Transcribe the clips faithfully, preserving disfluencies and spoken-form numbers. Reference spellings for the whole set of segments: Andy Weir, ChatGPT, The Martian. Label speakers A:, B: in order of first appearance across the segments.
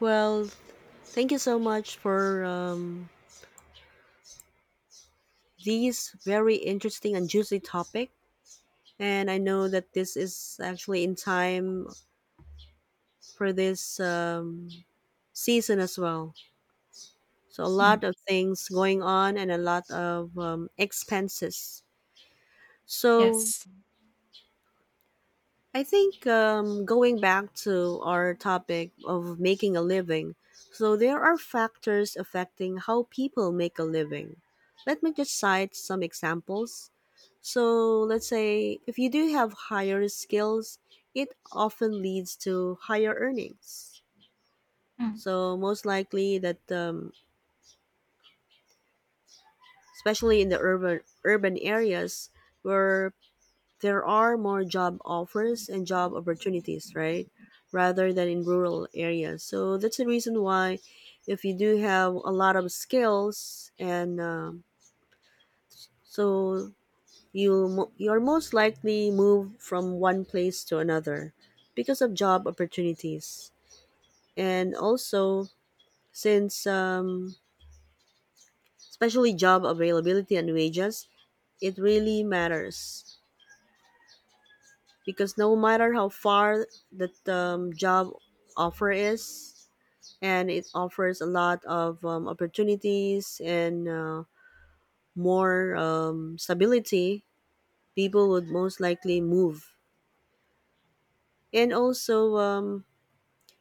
A: Well, thank you so much for um, these very interesting and juicy topic. And I know that this is actually in time for this um, season as well. So a
B: Mm,
A: lot of things going on and a lot of um, expenses. So
B: yes.
A: I think um, going back to our topic of making a living, so there are factors affecting how people make a living. Let me just cite some examples. So, let's say if you do have higher skills, it often leads to higher earnings.
B: Mm,
A: So, most likely that, um, especially in the urban urban areas where there are more job offers and job opportunities, right? Rather than in rural areas. So that's the reason why, if you do have a lot of skills, and um so you mo- you're most likely move from one place to another because of job opportunities, and also since um, especially job availability and wages, it really matters. Because no matter how far the um, job offer is and it offers a lot of um, opportunities and uh, more um, stability, people would most likely move. And also um,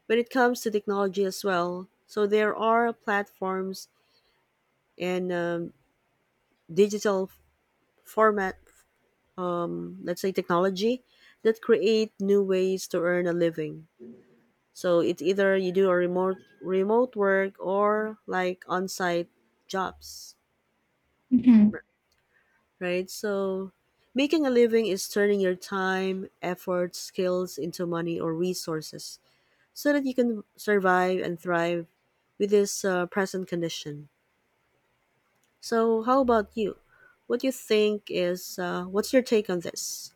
A: when it comes to technology as well, so there are platforms and um, digital format, um, let's say technology that create new ways to earn a living. So it's either you do a remote remote work or like on-site jobs,
B: mhm.
A: right? So making a living is turning your time, effort, skills into money or resources so that you can survive and thrive with this uh, present condition. So how about you? What do you think is uh, what's your take on this?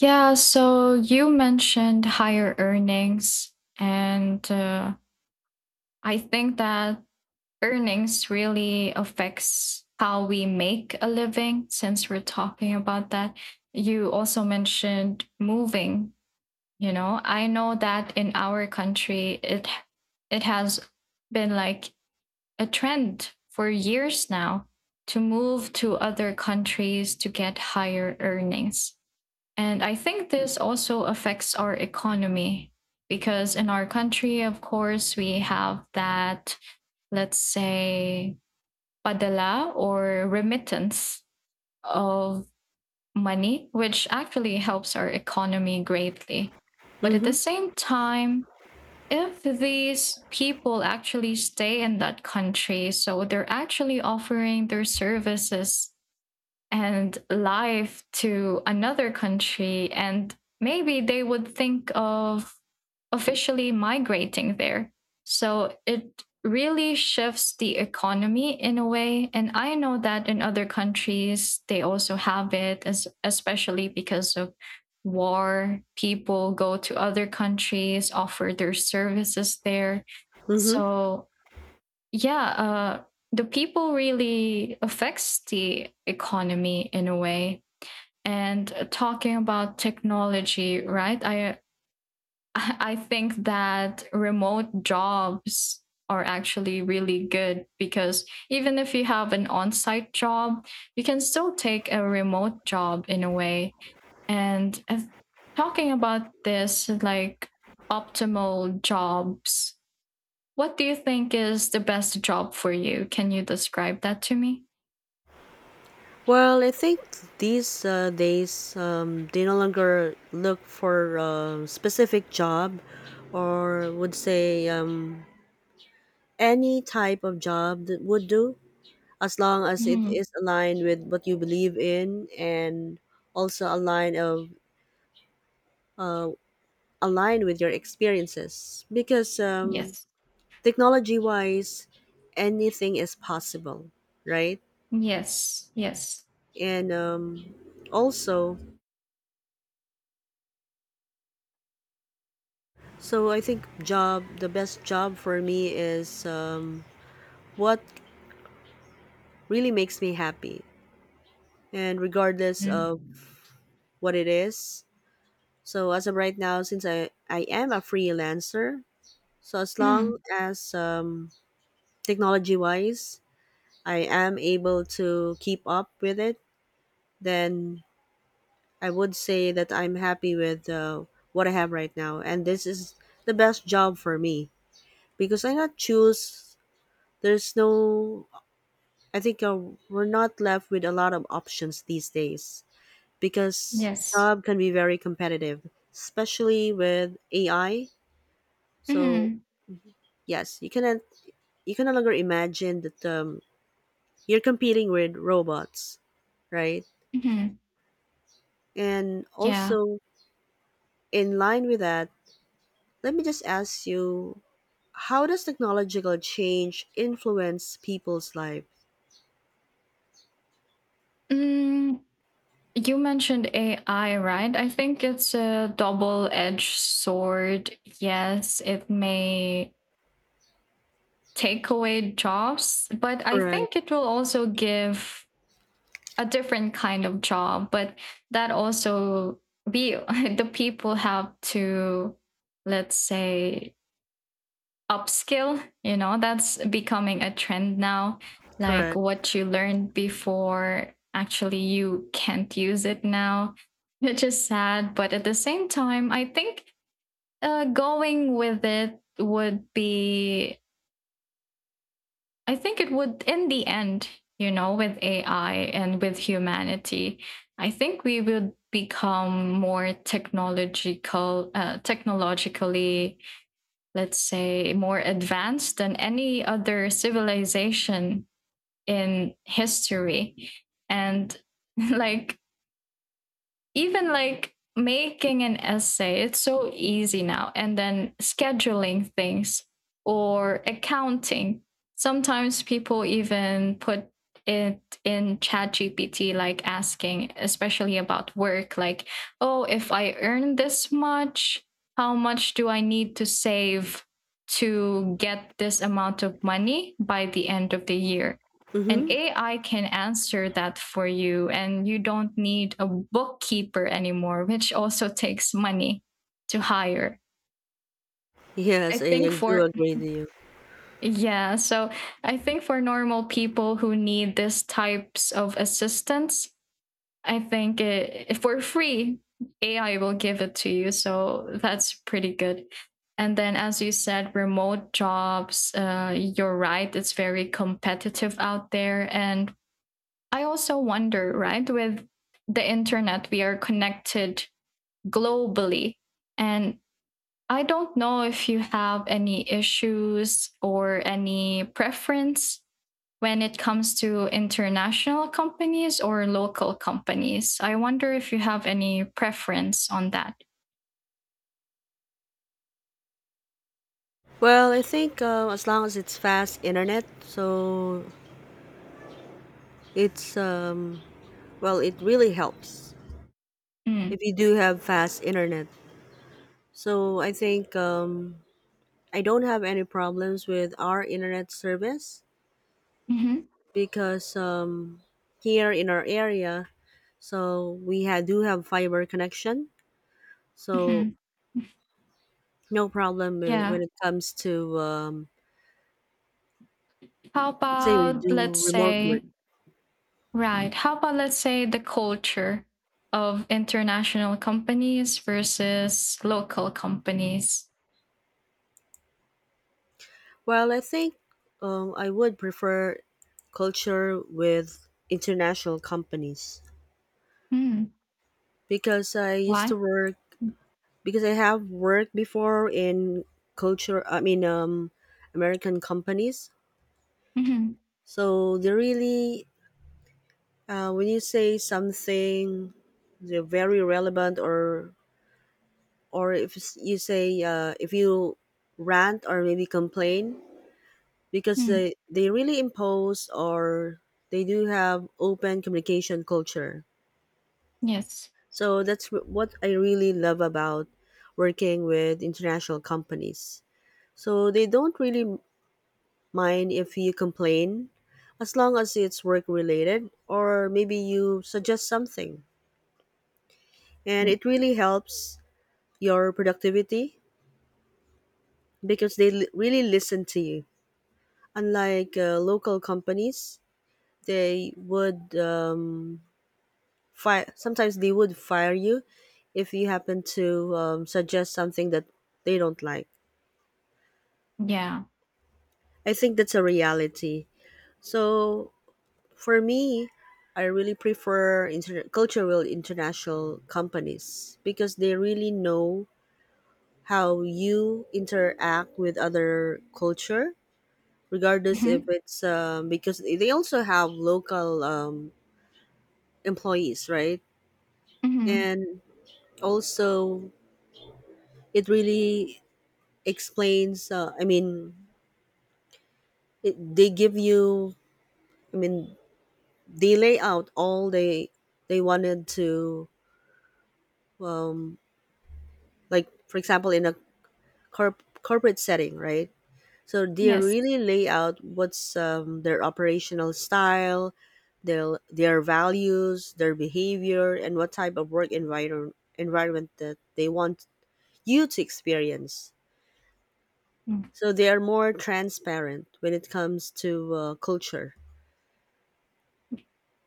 B: Yeah, so you mentioned higher earnings, and uh, I think that earnings really affects how we make a living since we're talking about that. You also mentioned moving, you know. I know that in our country it it has been like a trend for years now to move to other countries to get higher earnings. And I think this also affects our economy because in our country, of course, we have that, let's say, padala or remittance of money, which actually helps our economy greatly. But at the
A: Mhm.
B: same time, if these people actually stay in that country, so they're actually offering their services and life to another country, and maybe they would think of officially migrating there, so it really shifts the economy in a way. And I know that in other countries they also have it, as especially because of war, people go to other countries, offer their services there.
A: Mhm.
B: So, yeah, uh the people really affects the economy in a way. And uh, talking about technology, right, I I think that remote jobs are actually really good because even if you have an on-site job, you can still take a remote job in a way. And uh, talking about this, like, optimal jobs, what do you think is the best job for you? Can you describe that to me?
A: Well, I think these uh, days um, they no longer look for a specific job or would say um, any type of job that would do as long as it
B: Mhm.
A: is aligned with what you believe in and also aligned of uh, aligned with your experiences because um,
B: Yes.
A: technology wise anything is possible, right?
B: Yes. Yes.
A: And um, also, so I think job the best job for me is um, what really makes me happy and regardless
B: Mm.
A: of what it is. So as of right now, since I I am a freelancer, so as long
B: Mm.
A: as um, technology wise I am able to keep up with it, then I would say that I'm happy with uh, what I have right now and this is the best job for me because I not choose, there's no, I think uh, we're not left with a lot of options these days because
B: Yes.
A: job can be very competitive, especially with A I. So
B: Hmm.
A: yes, you cannot, you can no longer imagine that um, you're competing with robots, right?
B: Hmm.
A: And
B: Yeah.
A: also in line with that, let me just ask you, how does technological change influence people's life?
B: Mm. You mentioned A I, right? I think it's a double edged sword. Yes, it may take away jobs, but I
A: Correct.
B: think it will also give a different kind of job, but that also we the people have to, let's say, upskill, you know, that's becoming a trend now. Like
A: Correct.
B: what you learned before, actually you can't use it now, which is sad. But at the same time, I think uh, going with it would be, I think it would, in the end, you know, with A I and with humanity, I think we would become more technological, uh, technologically, let's say, more advanced than any other civilization in history. And like, even like making an essay, it's so easy now. And then scheduling things, or accounting. Sometimes people even put it in ChatGPT, like asking, especially about work, like, oh, if I earn this much, how much do I need to save to get this amount of money by the end of the year? An
A: Mm-hmm.
B: A I can answer that for you, and you don't need a bookkeeper anymore, which also takes money to hire. I
A: Yes, I
B: think
A: do
B: for,
A: agree with you.
B: yeah, so I think for normal people who need this types of assistance, I think it, if free, A I will give it to you. So that's pretty good. And then, as you said, remote jobs, uh, you're right, it's very competitive out there. And I also wonder, right, with the internet, we are connected globally. And I don't know if you have any issues or any preference when it comes to international companies or local companies. I wonder if you have any preference on that.
A: Well, I think uh, as long as it's fast internet, so it's um, well, it really helps
B: Mm.
A: if you do have fast internet. So I think um, I don't have any problems with our internet service
B: Hmm.
A: because um, here in our area, so we ha- do have fiber connection. So
B: Hmm.
A: no problem with, when
B: Yeah.
A: it comes to um,
B: How
A: let's say you
B: about, let's
A: do remote
B: say,
A: work.
B: Right. How about let's say the culture of international companies versus local companies?
A: Well, I think um, I would prefer culture with international companies
B: Hmm.
A: because I used to
B: Why?
A: work, because I have worked before in culture. I mean, um, American companies.
B: Mm-hmm.
A: So they really, uh, when you say something, they're very relevant, or or if s- you say uh, if you rant or maybe complain, because
B: Hmm. Mm.
A: they they really impose or they do have open communication culture.
B: Yes.
A: So that's wh- what I really love about working with international companies. So they don't really mind if you complain as long as it's work related or maybe you suggest something. And
B: Mm.
A: it really helps your productivity because they li- really listen to you. Unlike uh, local companies, they would um, fire, sometimes they would fire you if you happen to um, suggest something that they don't like.
B: Yeah.
A: I think that's a reality. So for me, I really prefer inter- cultural international companies because they really know how you interact with other culture, regardless if
B: Hmm.
A: it's um, because they also have local um, employees, right?
B: Hmm.
A: And also it really explains uh, I mean it, they give you, I mean, they lay out all they they wanted to, um like for example in a corp- corporate setting, right? So they
B: Yes.
A: really lay out what's um, their operational style, their their values, their behavior and what type of work environment environment that they want you to experience.
B: Mm.
A: So they are more transparent when it comes to uh, culture.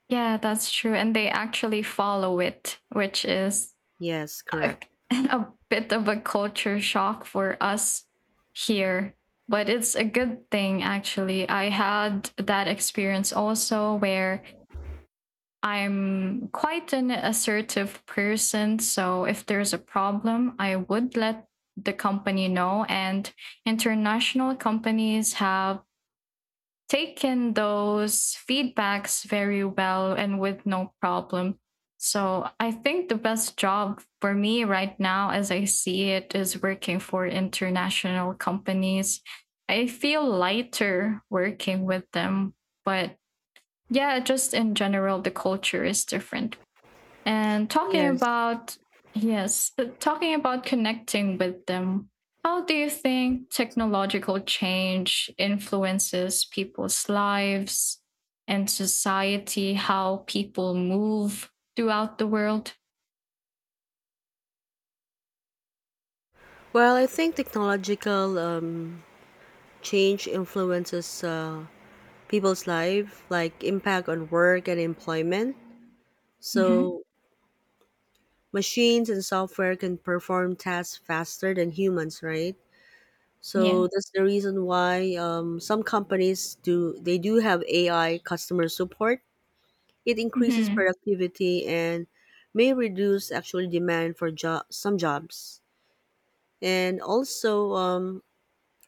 B: Yeah, that's true. And they actually follow it, which is
A: Yes,
B: a,
A: correct.
B: a bit of a culture shock for us here. But it's a good thing, actually. I had that experience also where I'm quite an assertive person, so if there's a problem, I would let the company know. And international companies have taken those feedbacks very well and with no problem. So I think the best job for me right now, as I see it, is working for international companies. I feel lighter working with them, but yeah, just in general, the culture is different. And talking
A: Yes.
B: about, yes, uh, talking about connecting with them, how do you think technological change influences people's lives and society, how people move throughout the world?
A: Well, I think technological um, change influences uh, people's life, like impact on work and employment.
B: Hmm.
A: So machines and software can perform tasks faster than humans, right? So
B: Yeah.
A: that's the reason why um, some companies do, they do have A I customer support. It increases
B: Hmm.
A: productivity and may reduce actually demand for job, some jobs. And also, um,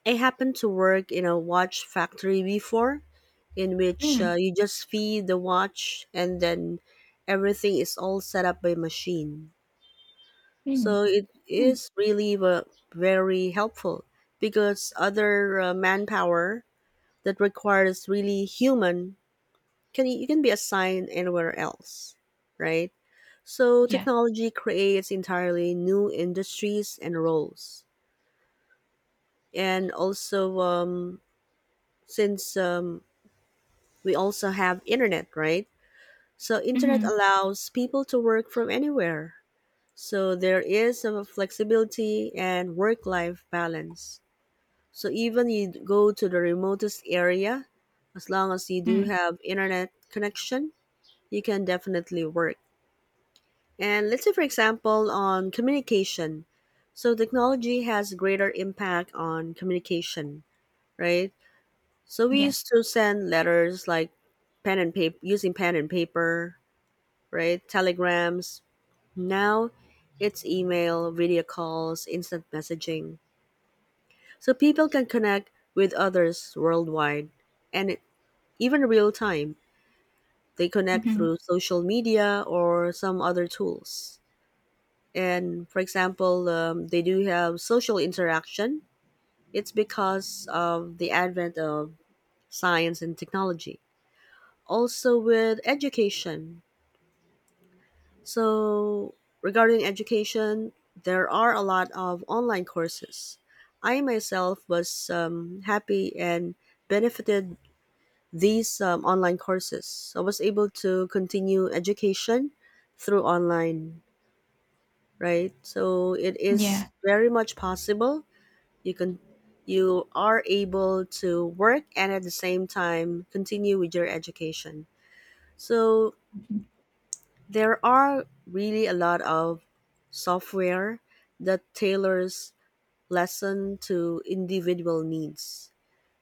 A: I happened to work in a watch factory before, in which uh,
B: Mm.
A: you just feed the watch and then everything is all set up by machine.
B: Mm.
A: So it
B: Mm.
A: is really ve- very helpful because other uh, manpower that requires really human, can you can be assigned anywhere else, right? So
B: Yeah.
A: technology creates entirely new industries and roles, and also um, since um, we also have internet, right? So internet
B: Hmm.
A: allows people to work from anywhere, so there is a flexibility and work life balance. So even you go to the remotest area, as long as you do
B: Mm.
A: have internet connection, you can definitely work. And let's say for example on communication, so technology has greater impact on communication, right? So we
B: Yes.
A: used to send letters like pen and paper, using pen and paper, right? Telegrams. Now it's email, video calls, instant messaging. So people can connect with others worldwide and it- even real time. They connect
B: Hmm.
A: through social media or some other tools. And for example, um, they do have social interaction. It's because of the advent of science and technology. Also, with education, so regarding education, there are a lot of online courses. I myself was um, happy and benefited these um, online courses. I was able to continue education through online, right? So it
B: Yeah.
A: is very much possible. You can, you are able to work and at the same time continue with your education. So there are really a lot of software that tailors lesson to individual needs.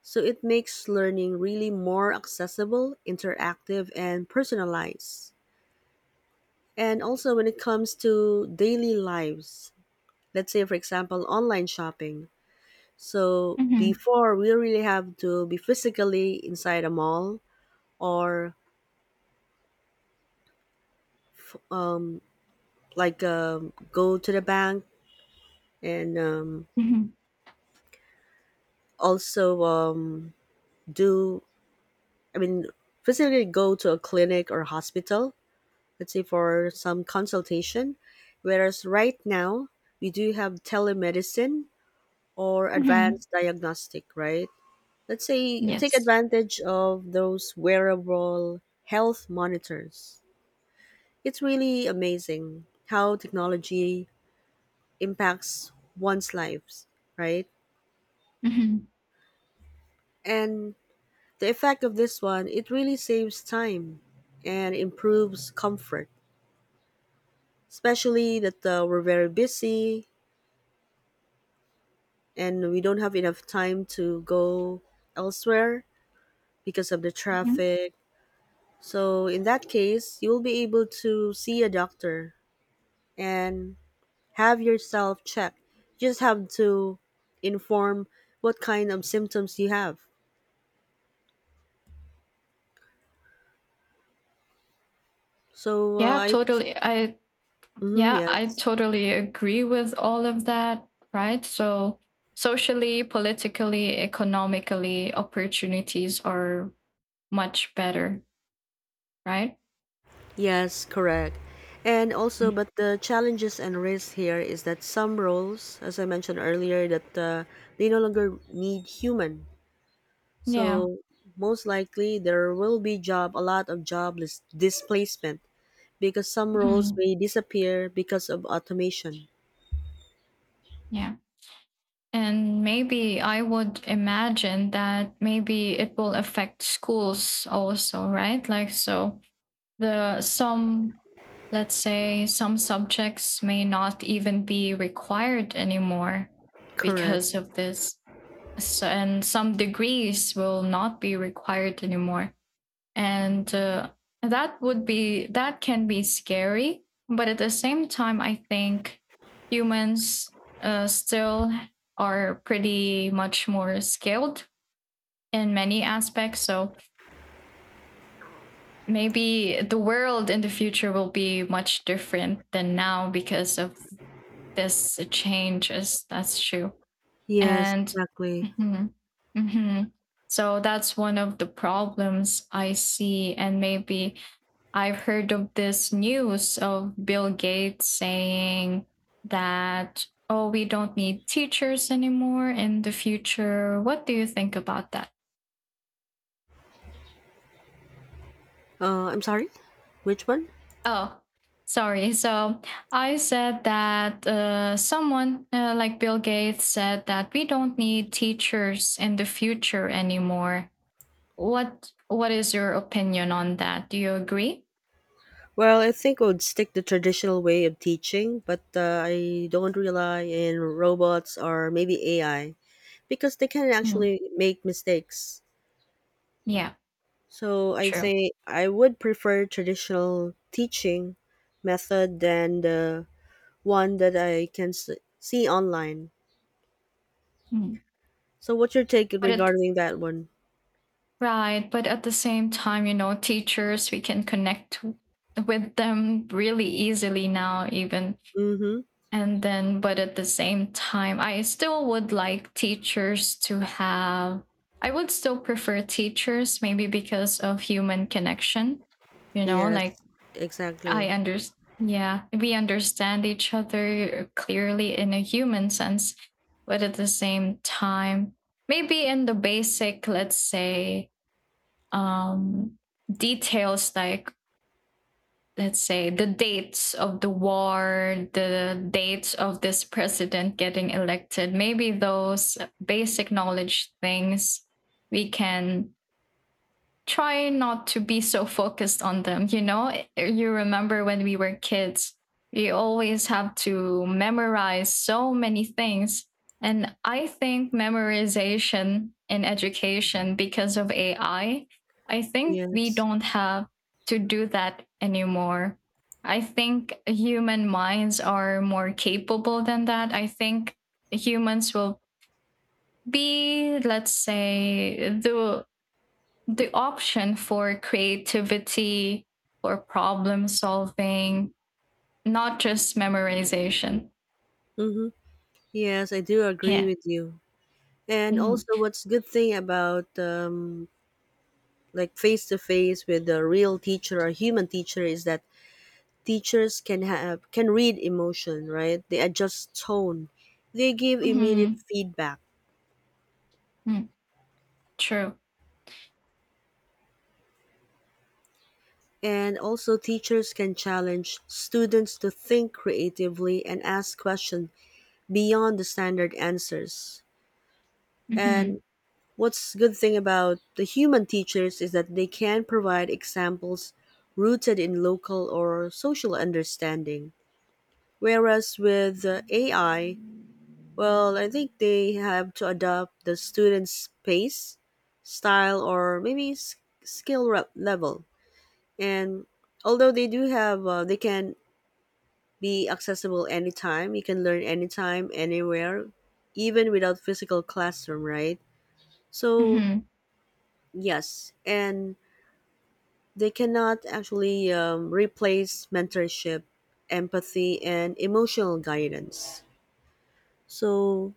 A: So it makes learning really more accessible, interactive and personalized. And also when it comes to daily lives, let's say for example online shopping. So
B: Mm-hmm.
A: before we really have to be physically inside a mall or like um, go to the bank and um,
B: Hmm.
A: also um, do, I mean, physically go to a clinic or hospital, let's say for some consultation. Whereas right now we do have telemedicine or
B: Hmm.
A: advanced diagnostic, right? Let's say take
B: Yes.
A: advantage of those wearable health monitors. It's really amazing how technology impacts one's lives, right?
B: Hmm.
A: And the effect of this one, it really saves time and improves comfort, especially that uh, we're very busy and we don't have enough time to go elsewhere because of the
B: Hmm.
A: traffic. So, in that case, you will be able to see a doctor and have yourself checked. You just have to inform what kind of symptoms you have. So,
B: Yeah,
A: uh, I,
B: totally. I
A: mhm,
B: Yeah, I
A: yes.
B: totally agree with all of that, right? So, socially, politically, economically, opportunities are much better, right?
A: Yes, correct. And also,
B: Mm.
A: but the challenges and risks here is that some roles, as I mentioned earlier, that uh, they no longer need human.
B: Yeah.
A: So most likely there will be job, a lot of jobless displacement because some roles
B: Mhm.
A: may disappear because of automation.
B: Yeah. And maybe I would imagine that maybe it will affect schools also, right? Like, so the some, let's say, some subjects may not even be required anymore
A: Correct.
B: because of this. So, and some degrees will not be required anymore. And uh, that would be, that can be scary. But at the same time, I think humans uh, still are pretty much more skilled in many aspects. So maybe the world in the future will be much different than now because of this change. Is that's true.
A: Yes,
B: And
A: exactly.
B: mhm, mhm. So that's one of the problems I see, and maybe I've heard of this news of Bill Gates saying that, oh, we don't need teachers anymore in the future. What do you think about that?
A: Uh, I'm sorry. Which one?
B: Oh, sorry, so I said that uh, someone, uh, like Bill Gates said that we don't need teachers in the future anymore. What What is your opinion on that? Do you agree?
A: Well, I think I would stick the traditional way of teaching, but uh, I don't rely in robots or maybe A I because they can
B: Mm.
A: actually make mistakes.
B: Yeah,
A: So I
B: true.
A: think I would prefer traditional teaching method than the one that I can s- see online.
B: Mm.
A: So what's your take
B: But it,
A: regarding that one?
B: right, but at the same time, you know, teachers, we can connect w- with them really easily now, even
A: Mm-hmm.
B: and then. But at the same time, I still would like teachers to have. I would still prefer teachers, maybe because of human connection. You know,
A: Yes,
B: like, I
A: exactly.
B: understand. Yeah, we understand each other clearly in a human sense, but at the same time, maybe in the basic, let's say, um, details, like, let's say the dates of the war, the dates of this president getting elected, maybe those basic knowledge things we can try not to be so focused on them. You know, you remember when we were kids, we always have to memorize so many things. And I think memorization in education because of A I, I I think we
A: Yes.
B: don't have to do that anymore. I think human minds are more capable than that. I think humans will be, let's say, the the option for creativity, for problem solving, not just memorization.
A: Mm-hmm. Yes, I do agree
B: Yeah.
A: with you. And
B: Mm.
A: also, what's good thing about um, like face to face with a real teacher or human teacher is that teachers can have, can read emotion, right? They adjust tone, they give immediate
B: Hmm.
A: feedback,
B: Mm. True.
A: and also teachers can challenge students to think creatively and ask questions beyond the standard answers.
B: Hmm.
A: And what's good thing about the human teachers is that they can provide examples rooted in local or social understanding. Whereas with uh, A I, well, I think they have to adapt the student's pace, style, or maybe s- skill re- level. And although they do have, uh, they can be accessible anytime. You can learn anytime, anywhere, even without physical classroom, right? So
B: Hmm.
A: yes, and they cannot actually um, replace mentorship, empathy, and emotional guidance. So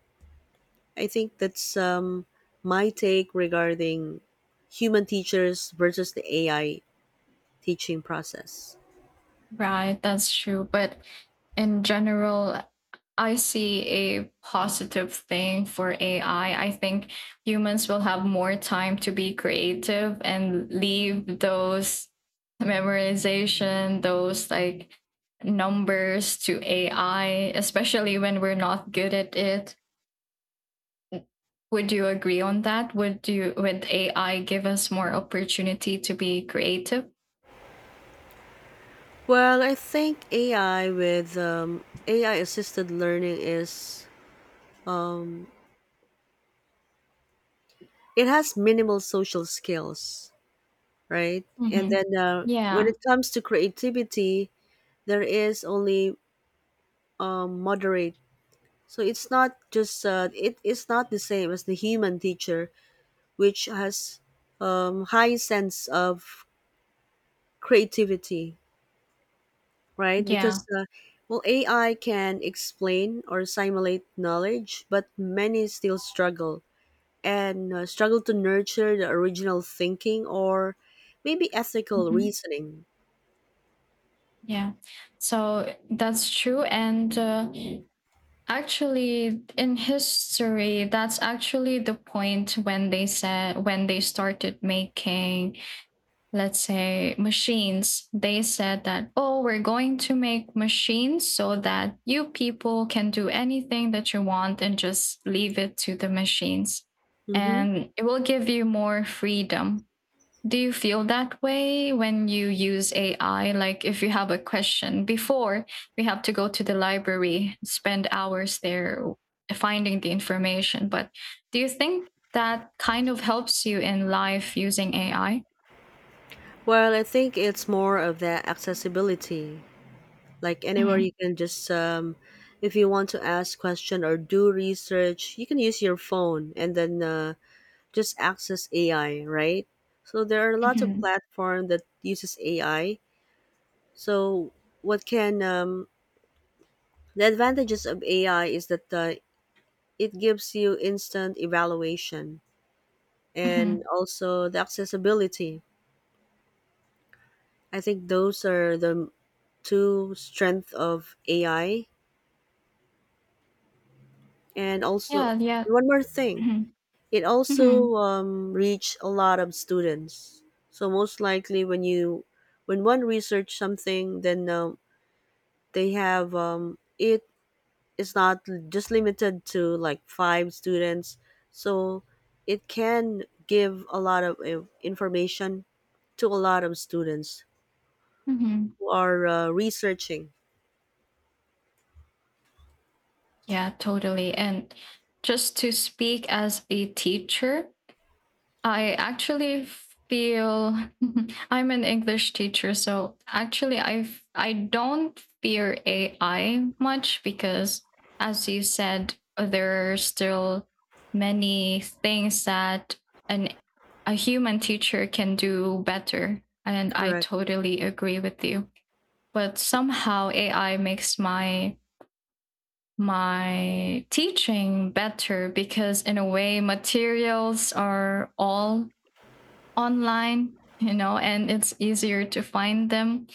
A: I think that's um, my take regarding human teachers versus the A I teaching process.
B: Right. That's true. But in general, I see a positive thing for A I. I I think humans will have more time to be creative and leave those memorization, those like numbers to A I, especially when we're not good at it. Would you agree on that? Would you would A I give us more opportunity to be creative?
A: Well, I think A I with um, A I assisted learning is um, it has minimal social skills, right? And
B: Hmm.
A: then uh, when
B: Yeah,
A: it comes to creativity, there is only um, moderate. So it's not just uh, it is not the same as the human teacher, which has um, high sense of creativity, right?
B: yeah.
A: Because uh, well, A I can explain or simulate knowledge, but many still struggle and uh, struggle to nurture the original thinking or maybe ethical
B: Hmm.
A: reasoning.
B: Yeah. So that's true, and uh, actually, in history, that's actually the point when they said, when they started making, let's say, machines, they said that, oh, we're going to make machines so that you people can do anything that you want and just leave it to the machines.
A: Hmm.
B: And it will give you more freedom. Do you feel that way when you use A I? Like if you have a question before, we have to go to the library, spend hours there finding the information. But do you think that kind of helps you in life using A I?
A: Well, I think it's more of the accessibility, like anywhere you can just um, if you want to ask question or do research, you can use your phone and then uh, just access AI, right? So there are lots of
B: Mm-hmm.
A: platform that uses AI. So what can um, the advantages of AI is that uh, it gives you instant evaluation and
B: Hmm.
A: also the accessibility. I think those are the two strength of AI. And
B: Yeah,
A: also
B: yeah.
A: one more thing,
B: Hmm.
A: it
B: Hmm.
A: also um, reached a lot of students. So most likely, when you, when one research something, then um, they have um, it is not just limited to like five students. So it can give a lot of uh, information to a lot of students
B: Hmm.
A: who are uh, researching.
B: Yeah, totally. And just to speak as a teacher, I actually feel I'm an English teacher, so actually I f- I don't fear A I much because, as you said, uh, there are still many things that an a human teacher can do better, and I
A: Correct.
B: totally agree with you. But somehow A I makes my my teaching better because in a way materials are all online, you know and it's easier to find them.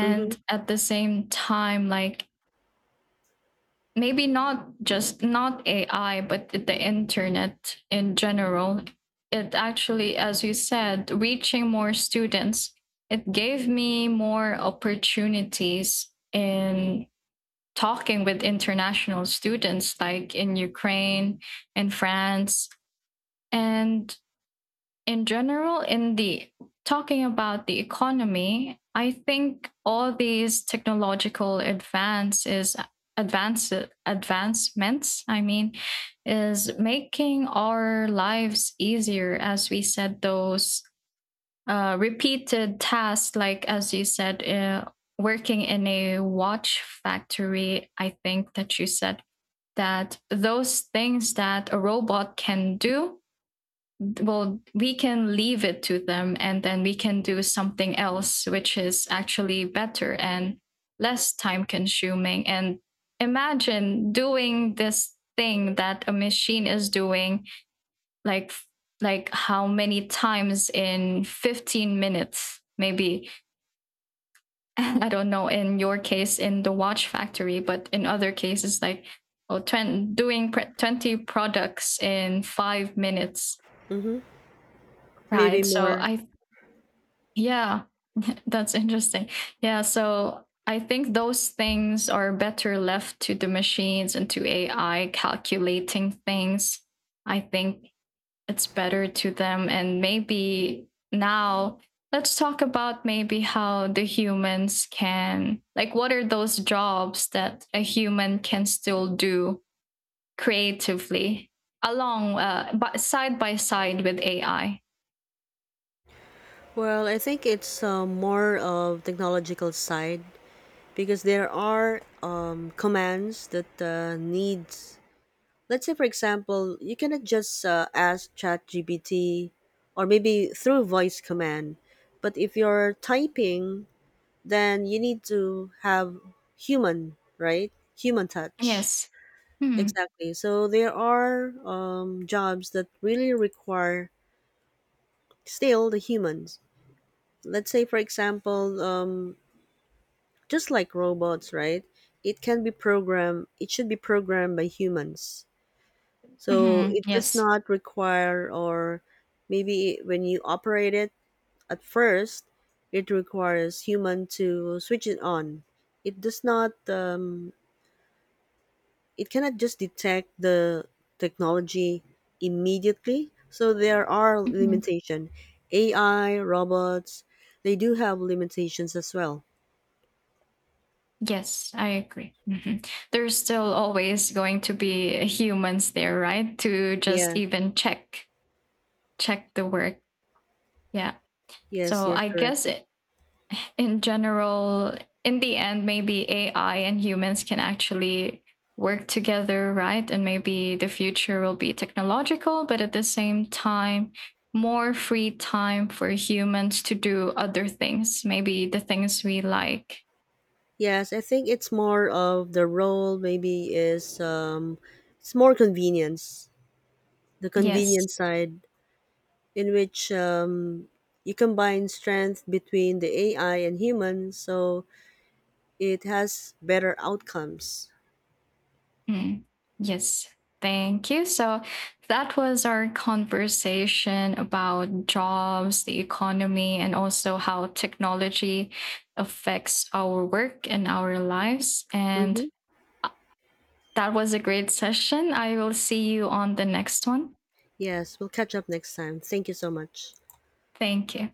A: Mm-hmm.
B: at the same time, like, maybe not just, not AI, but the internet in general, it actually, as you said, reaching more students, it gave me more opportunities in talking with international students, like in Ukraine, in France. And in general, in the talking about the economy, I think all these technological advances advance advancements, I mean, is making our lives easier, as we said. Those uh, repeated tasks, like, as you said, uh, working in a watch factory. I think that you said that those things that a robot can do, well, we can leave it to them, and then we can do something else which is actually better and less time consuming. And imagine doing this thing that a machine is doing, like like how many times in fifteen minutes, maybe? I don't know in your case in the watch factory, but in other cases like, oh, twenty, doing pre- twenty products in five minutes,
A: Mm-hmm. Maybe
B: right? So
A: more.
B: I yeah, that's interesting. Yeah, so I think those things are better left to the machines and to A I calculating things. I think it's better to them. And maybe now let's talk about maybe how the humans can, like, what are those jobs that a human can still do creatively along, uh, by, side by side with A I?
A: Well, I think it's uh, more of technological side because there are um, commands that uh, needs, let's say for example you cannot just uh, ask ChatGPT or maybe through voice command, but if you're typing then you need to have human, right? Human touch,
B: Yes. Hmm.
A: exactly. So there are um, jobs that really require still the humans, let's say for example, um, just like robots, right? It can be programmed, it should be programmed by humans. So
B: Hmm.
A: it does
B: Yes.
A: not require, or maybe when you operate it at first, it requires human to switch it on. It does not, um, it cannot just detect the technology immediately. So there are
B: Mhm.
A: limitation. A I, robots, they do have limitations as well.
B: Yes, I agree. Mhm. There's still always going to be humans there, right? To
A: Yeah.
B: just even check check the work. Yeah.
A: Yes,
B: So
A: you're
B: I
A: correct.
B: guess it, in general, in the end, maybe A I and humans can actually work together, right? And maybe the future will be technological, but at the same time, more free time for humans to do other things, maybe the things we like.
A: Yes, I think it's more of the role maybe is um it's more convenience, the
B: Yes.
A: convenience side in which um you combine strength between the A I and humans so it has better outcomes.
B: Mm, yes, thank you. So that was our conversation about jobs, the economy, and also how technology affects our work and our lives. And
A: Mm-hmm.
B: uh, that was a great session. I will see you on the next one.
A: Yes, we'll catch up next time. Thank you so much.
B: Thank you.